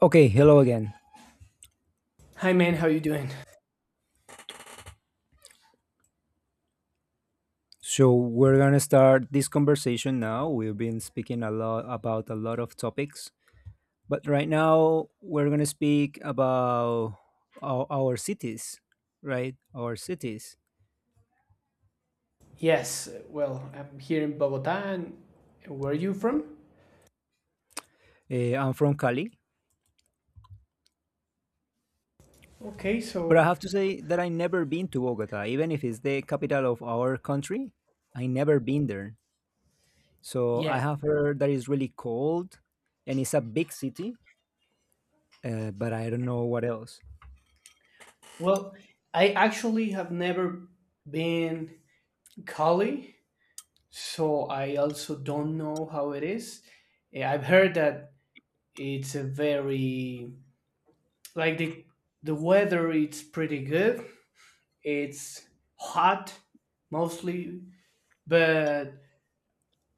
Okay, hello again. Hi, man. How you doing? So we're gonna start this conversation now. We've been speaking a lot about a lot of topics, but right now we're gonna speak about our cities, right? Our cities. Yes. Well, I'm here in Bogota. And where are you from? I'm from Cali, Okay. but I So have to say that I never been to Bogota, even if it's the capital of our country. I never been there, so I yeah. have heard that it's really cold, and it's a big city, but I don't know what else. Well, I actually have never been Cali, so I also don't know how it is. I've heard that it's a very like the weather. It's pretty good. It's hot mostly, but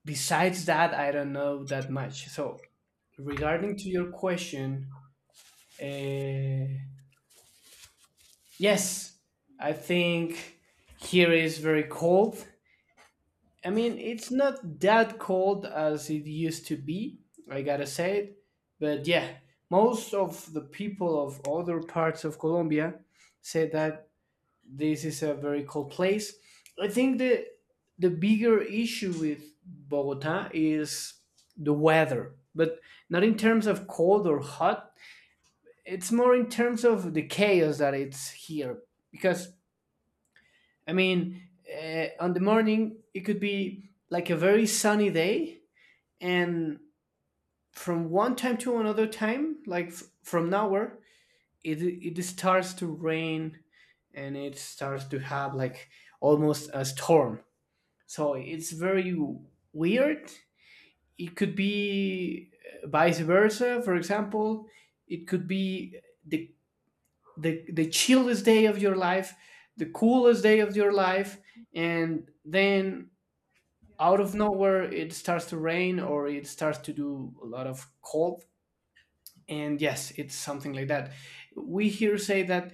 besides that, I don't know that much. So regarding to your question. Uh, yes, I think here is very cold. I mean, it's not that cold as it used to be, I gotta say it. But yeah, most of the people of other parts of Colombia say that this is a very cold place. I think the bigger issue with Bogota is the weather, but not in terms of cold or hot, it's more in terms of the chaos that it's here because i mean on the morning it could be like a very sunny day, and from one time to another time like from nowhere it starts to rain and it starts to have like almost a storm, so it's very weird. It could be, vice versa, for example. It could be the the chillest day of your life, the coolest day of your life, and then out of nowhere it starts to rain or it starts to do a lot of cold. And yes, it's something like that. We here say that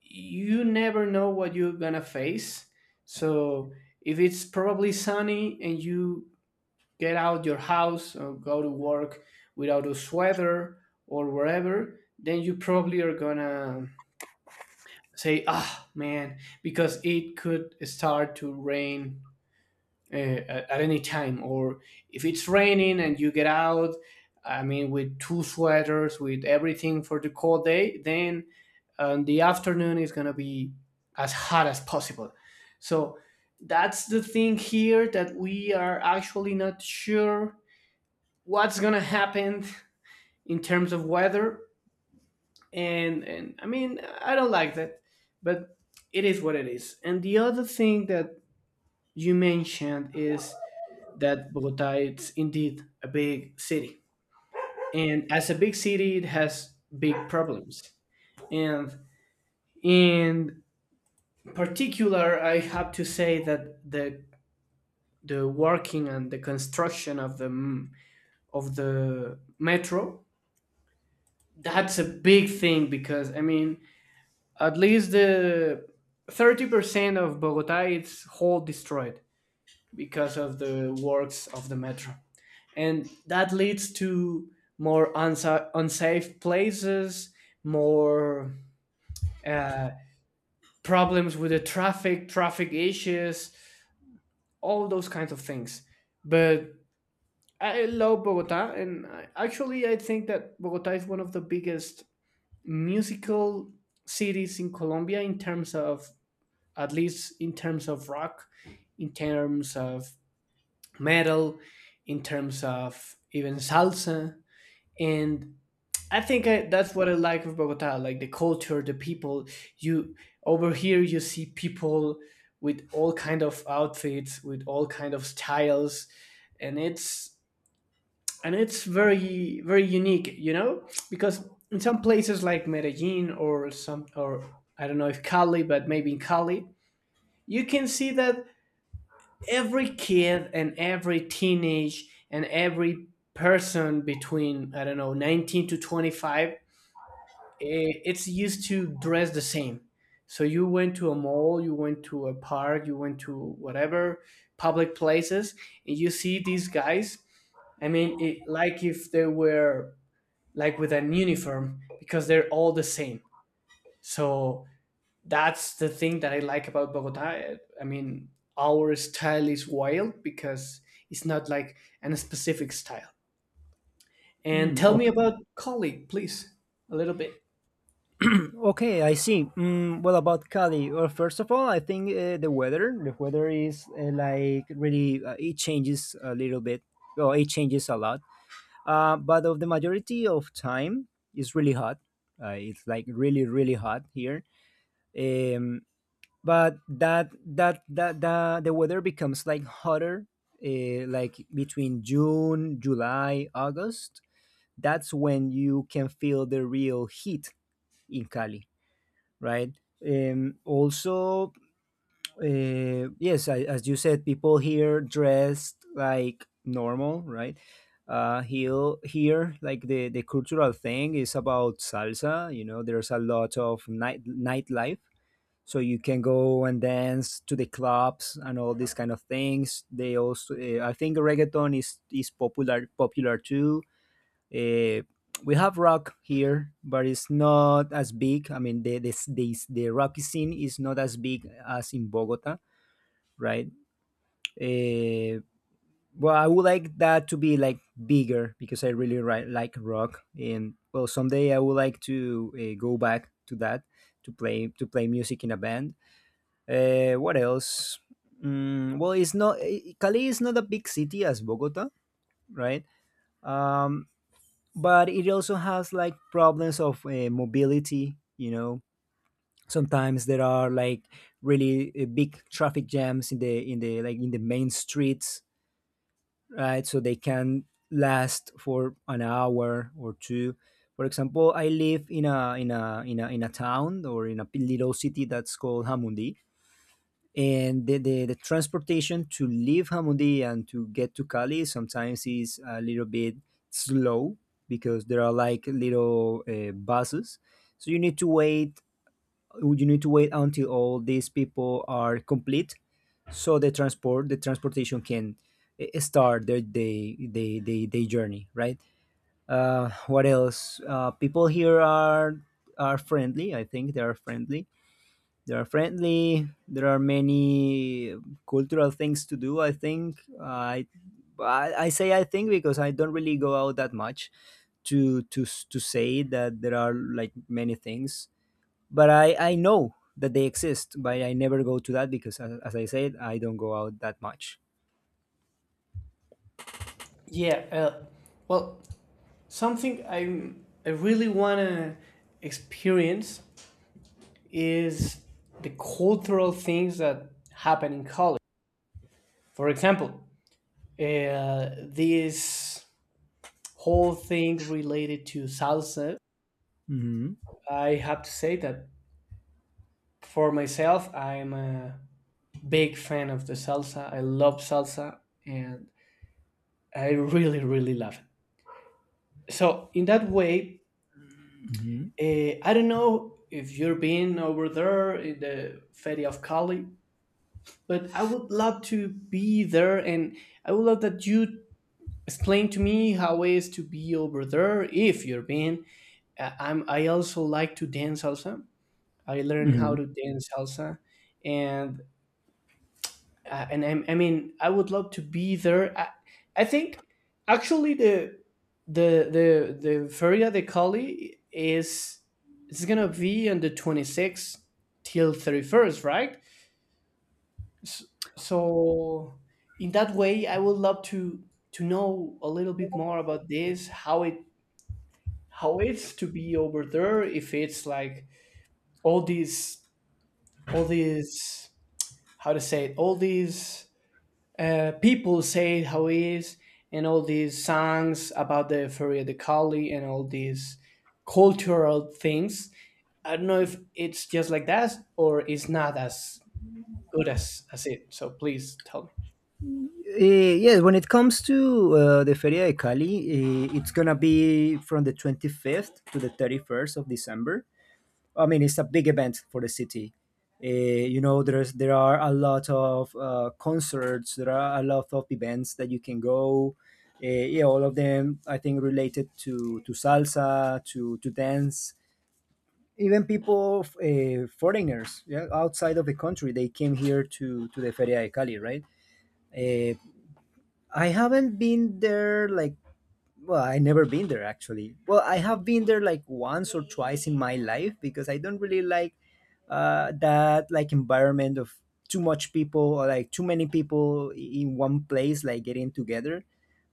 you never know what you're gonna face. So if it's probably sunny and you get out your house or go to work without a sweater or wherever, then you probably are gonna say ah man because it could start to rain at any time. Or if it's raining and you get out, I mean with two sweaters with everything for the cold day, then the afternoon is going to be as hot as possible. So that's the thing here, that we are actually not sure what's going to happen in terms of weather. And I mean I don't like that, but it is what it is. And the other thing that you mentioned is that Bogota is indeed a big city, and as a big city, it has big problems. And in particular, I have to say that the working and the construction of of the metro, that's a big thing because I mean at least the 30% of Bogota is whole destroyed because of the works of the metro. And that leads to more unsafe places, more uh, problems with the traffic, traffic issues, all those kinds of things. But I love Bogota, and I think that Bogota is one of the biggest musical cities in Colombia in terms of, at least in terms of rock, in terms of metal, in terms of even salsa. And that's what I like of Bogota, like the culture, the people. You, over here, you see people with all kind of outfits, with all kind of styles, and it's very very unique, you know, because in some places like Medellin or some, or I don't know if Cali, but maybe in Cali, you can see that every kid and every teenage and every person between I don't know 19 to 25 it's used to dress the same. So you went to a mall, you went to a park, you went to whatever public places, and you see these guys, I mean it, like if they were like with an uniform because they're all the same. So that's the thing that I like about Bogota. I mean, our style is wild because it's not like an specific style. And Hmm. tell me about colleague, please, a little bit. Okay, I see. Well, about Cali, well, first of all, I think the weather is like really, it changes a little bit, or it changes a lot. But of the majority of time, it's really hot. It's like really, really hot here. Um, but the weather becomes like hotter, like between June, July, August. That's when you can feel the real heat in Cali, right? Also, yes, I, as you said, people here dressed like normal, right? Here, like the cultural thing is about salsa. You know, there's a lot of nightlife, so you can go and dance to the clubs and all these kind of things. They also, I think, reggaeton is popular too. Uh, we have rock here, but it's not as big. I mean, the rocky scene is not as big as in Bogota, right? Uh, well, I would like that to be like bigger because I really like rock, and well, someday I would like to go back to that, to play music in a band. What else? Mm, well, it's not Cali is not a big city as Bogota, right? Um, but it also has like problems of mobility, you know, sometimes there are like really big traffic jams in the like in the main streets, right? So they can last for an hour or two. For example, I live in a town or in a little city that's called Hamundi, and the transportation to leave Hamundi and to get to Cali sometimes is a little bit slow because there are like little buses. So you need to wait. You need to wait until all these people are complete, so the transportation can start their day, they journey. Right. What else? People here are friendly. I think they are friendly, they are friendly. There are many cultural things to do. I think I say I think because I don't really go out that much to to say that there are like many things. But I know that they exist, but I never go to that because, as I said, I don't go out that much. Yeah, well, something I really wanna experience is the cultural things that happen in college. For example, uh, this whole thing related to salsa. Hmm. I have to say that for myself, I'm a big fan of the salsa. I love salsa and I really, really love it. So, in that way, Hmm. I don't know if you've been over there in the Ferry of Cali, but I would love to be there, and I would love that you explain to me how it is to be over there if you've been. I also like to dance salsa. I learned how Hmm. to dance salsa and I mean I would love to be there. I think actually the Feria de Cali is, it's gonna be on the 26th till 31st, right? S- So in that way, I would love to know a little bit more about this, how it how it's to be over there, if it's like all these all these how to say it, all these people say how it is, and all these songs about the Feria de Cali and all these cultural things. I don't know if it's just like that or it's not as good as it. So please tell me. Yes, when it comes to the Feria de Cali, it's gonna be from the 25th to the 31st of December. I mean, it's a big event for the city. Uh, you know, there are a lot of concerts. There are a lot of events that you can go. Uh, yeah, all of them I think related to salsa, to dance. Even people, foreigners, yeah, outside of the country, they came here to the Feria de Cali, right? Uh, I haven't been there like, well, I never been there actually. Well, I have been there like once or twice in my life because I don't really like that like environment of too much people or like too many people in one place like getting together,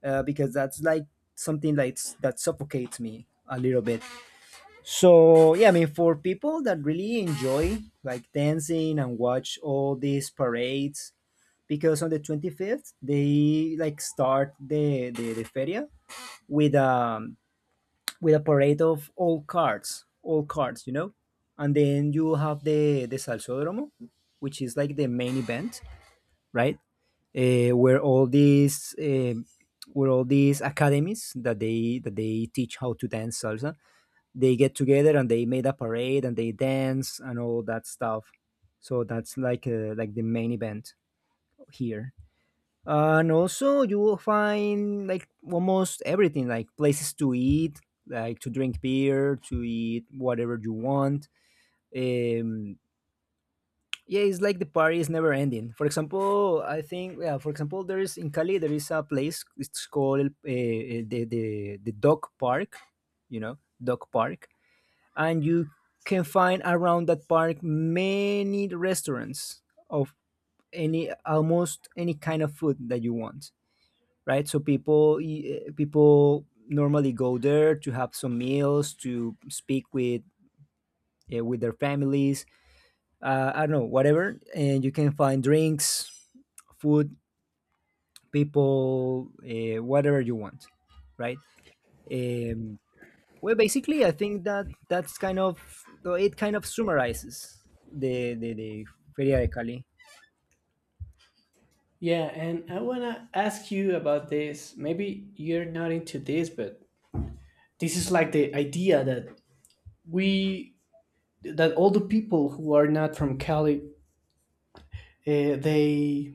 because that's like something like that suffocates me a little bit. So yeah, I mean for people that really enjoy like dancing and watch all these parades, because on the 25th they like start the feria with um with a parade of all cards, you know? And then you have the Salsódromo, which is like the main event, right? Where all these where all these academies that they teach how to dance salsa, they get together and they made a parade and they dance and all that stuff. So that's like the main event here, and also you will find like almost everything, like places to eat, like to drink beer, to eat whatever you want. um yeah, it's like the party is never ending. For example, I think, yeah, for example, there is in Cali there is a place, it's called the dog park, you know? Dog park. And you can find around that park many restaurants of any, almost any kind of food that you want, right? So people, people normally go there to have some meals, to speak with their families. I don't know, whatever, and you can find drinks, food, people, whatever you want, right? Um, well, basically, I think that that's kind of though it. Kind of summarizes the Feria de Cali. Yeah, and I want to ask you about this. Maybe you're not into this, but this is like the idea that we, that all the people who are not from Cali, uh, they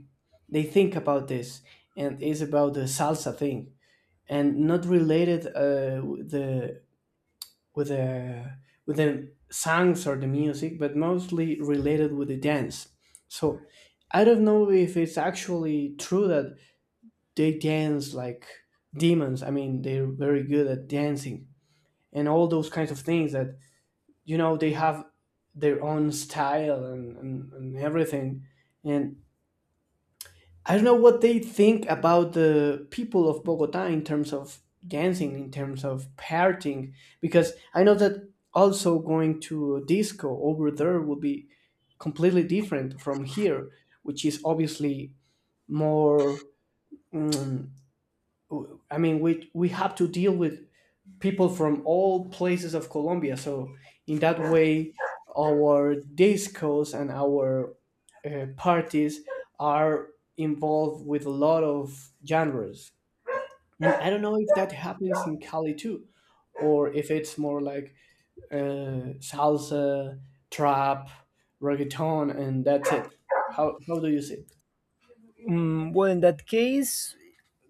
they think about this, and it's about the salsa thing, and not related with with the the songs or the music, but mostly related with the dance. So I don't know if it's actually true that they dance like demons. I mean, they're very good at dancing and all those kinds of things. That You know, they have their own style, and everything. And I don't know what they think about the people of Bogota in terms of dancing, in terms of partying, because I know that also going to a disco over there will be completely different from here, which is obviously more, mm, I mean, we have to deal with people from all places of Colombia. So in that way, our discos and our parties are involved with a lot of genres. And I don't know if that happens in Cali too, or if it's more like salsa, trap, reggaeton, and that's it. How do you see it? Mm, well, in that case,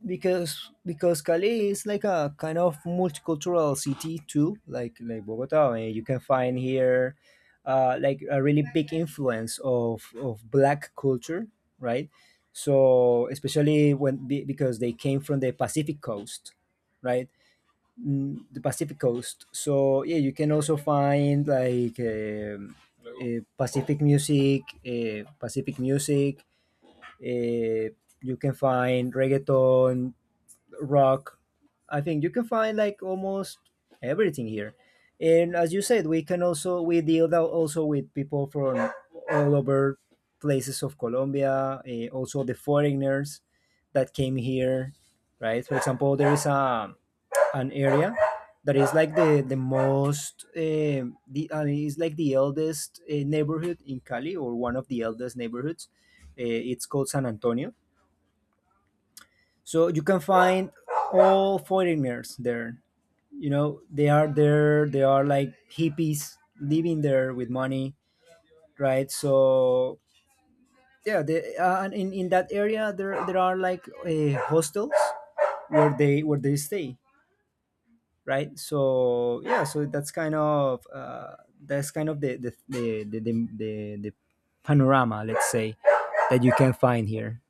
because Cali is like a kind of multicultural city too, like Bogota, and you can find here like a really big influence of black culture, right? So especially when because they came from the Pacific coast, right? Mm, the Pacific coast. So yeah, you can also find like Pacific music, Pacific music, uh, you can find reggaeton, rock. I think you can find like almost everything here. And as you said, we can also, we deal also with people from all over places of Colombia, also the foreigners that came here, right? For example, there is a an area that is like the most eh, the I mean, it's like the eldest neighborhood in Cali, or one of the eldest neighborhoods. Eh, it's called San Antonio. So you can find all foreigners there. You know they are there. They are like hippies living there with money, right? So yeah, they, and in that area there are like hostels where they stay, right? So yeah, so that's kind of the panorama, let's say, that you can find here.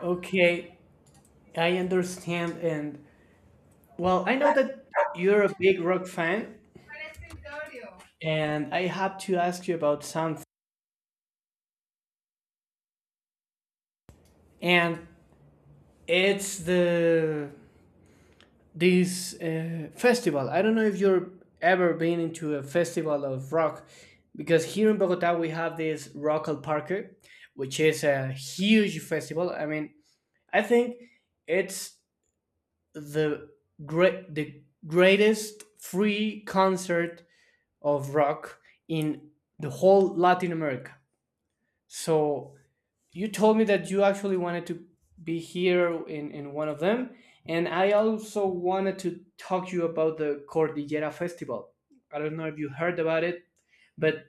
Okay, I understand, and well, I know that you're a big rock fan, and I have to ask you about something. And it's the this festival. I don't know if you're ever been into a festival of rock, because here in Bogota we have this Rock al Parque, which is a huge festival. I mean, I think it's the the greatest free concert of rock in the whole Latin America. So you told me that you actually wanted to be here in one of them, and I also wanted to talk to you about the cordillera festival. I don't know if you heard about it, but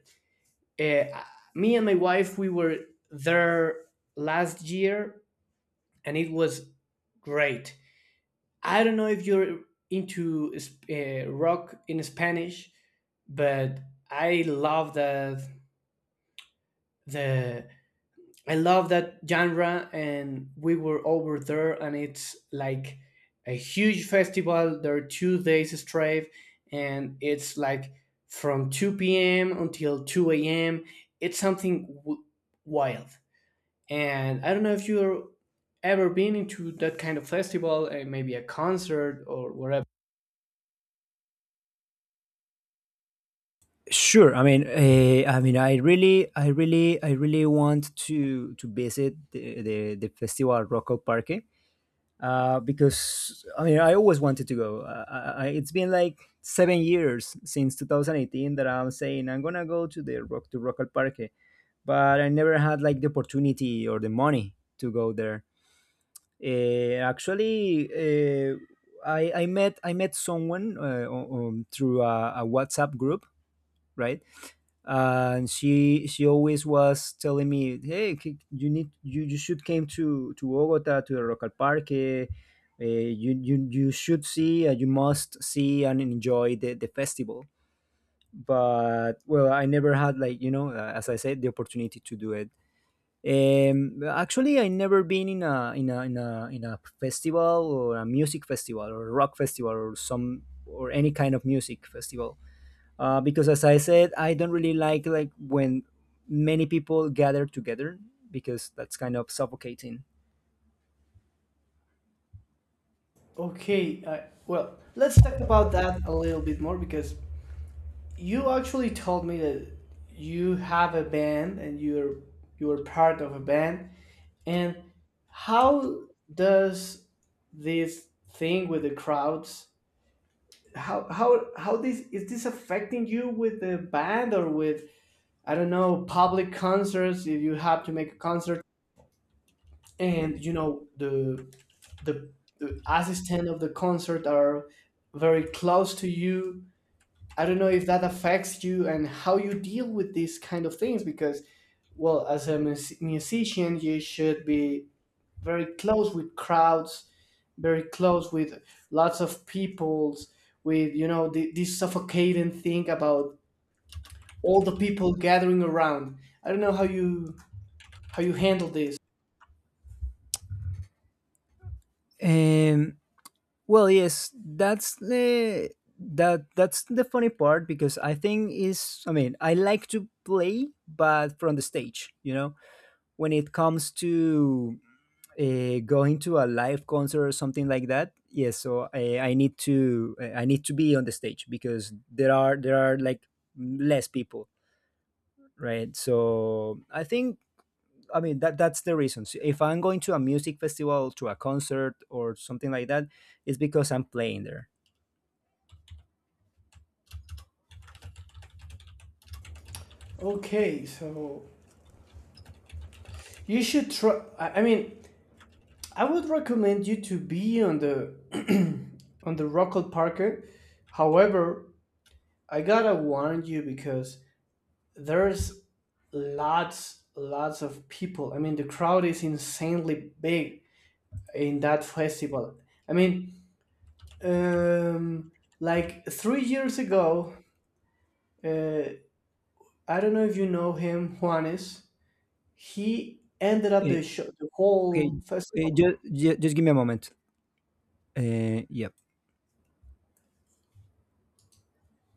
uh, me and my wife we were there last year and it was great. I don't know if you're into rock in spanish, but I love the I love that genre, and we were over there, and it's like a huge festival. There are 2 days straight, and it's like from 2 p.m. until 2 a.m. It's something wild. And I don't know if you're ever been into that kind of festival, maybe a concert or whatever. Sure, I mean, I mean, I really want to visit the festival at Rocco Parque. Uh, because I mean, I always wanted to go. It's been like 7 years since 2018 that I'm saying I'm gonna go to the rock to Rocco Parque, but I never had like the opportunity or the money to go there. Actually, I met someone through a WhatsApp group, right? And she always was telling me, "Hey, you need, you should came to Bogota to the Rocal Parque. You should see, you must see and enjoy the festival." But well, I never had like, you know, as I said, the opportunity to do it. Um, actually, I never been in a festival or a music festival or a rock festival or some, or any kind of music festival. Because as I said, I don't really like when many people gather together, because that's kind of suffocating. Okay, well, let's talk about that a little bit more because you actually told me that you have a band and you're part of a band. And how does this thing with the crowds, how this is this affecting you with the band, or with, I don't know, public concerts, if you have to make a concert and you know the, the assistant of the concert are very close to you. I don't know if that affects you and how you deal with these kind of things because, well, as a musician, you should be very close with crowds, very close with lots of peoples, with, you know, the, this suffocating thing about all the people gathering around. I don't know how you handle this. Um, well, yes, that's the that that's the funny part because I think is, I mean, I like to play, but from the stage, you know, when it comes to going to a live concert or something like that, yes, so I need to I need to be on the stage because there are like less people, right? So I think, I mean, that's the reason. So if I'm going to a music festival, to a concert or something like that, it's because I'm playing there. Okay, so you should try. I mean, I would recommend you to be on the on the Rockall Parker. However, I gotta warn you because there's lots, lots of people. I mean, the crowd is insanely big in that festival. I mean, um, like 3 years ago, uh, I don't know if you know him, Juanes. He ended up Eh, the show, the okay, whole eh, festival. just, just give me a moment. Uh, yeah.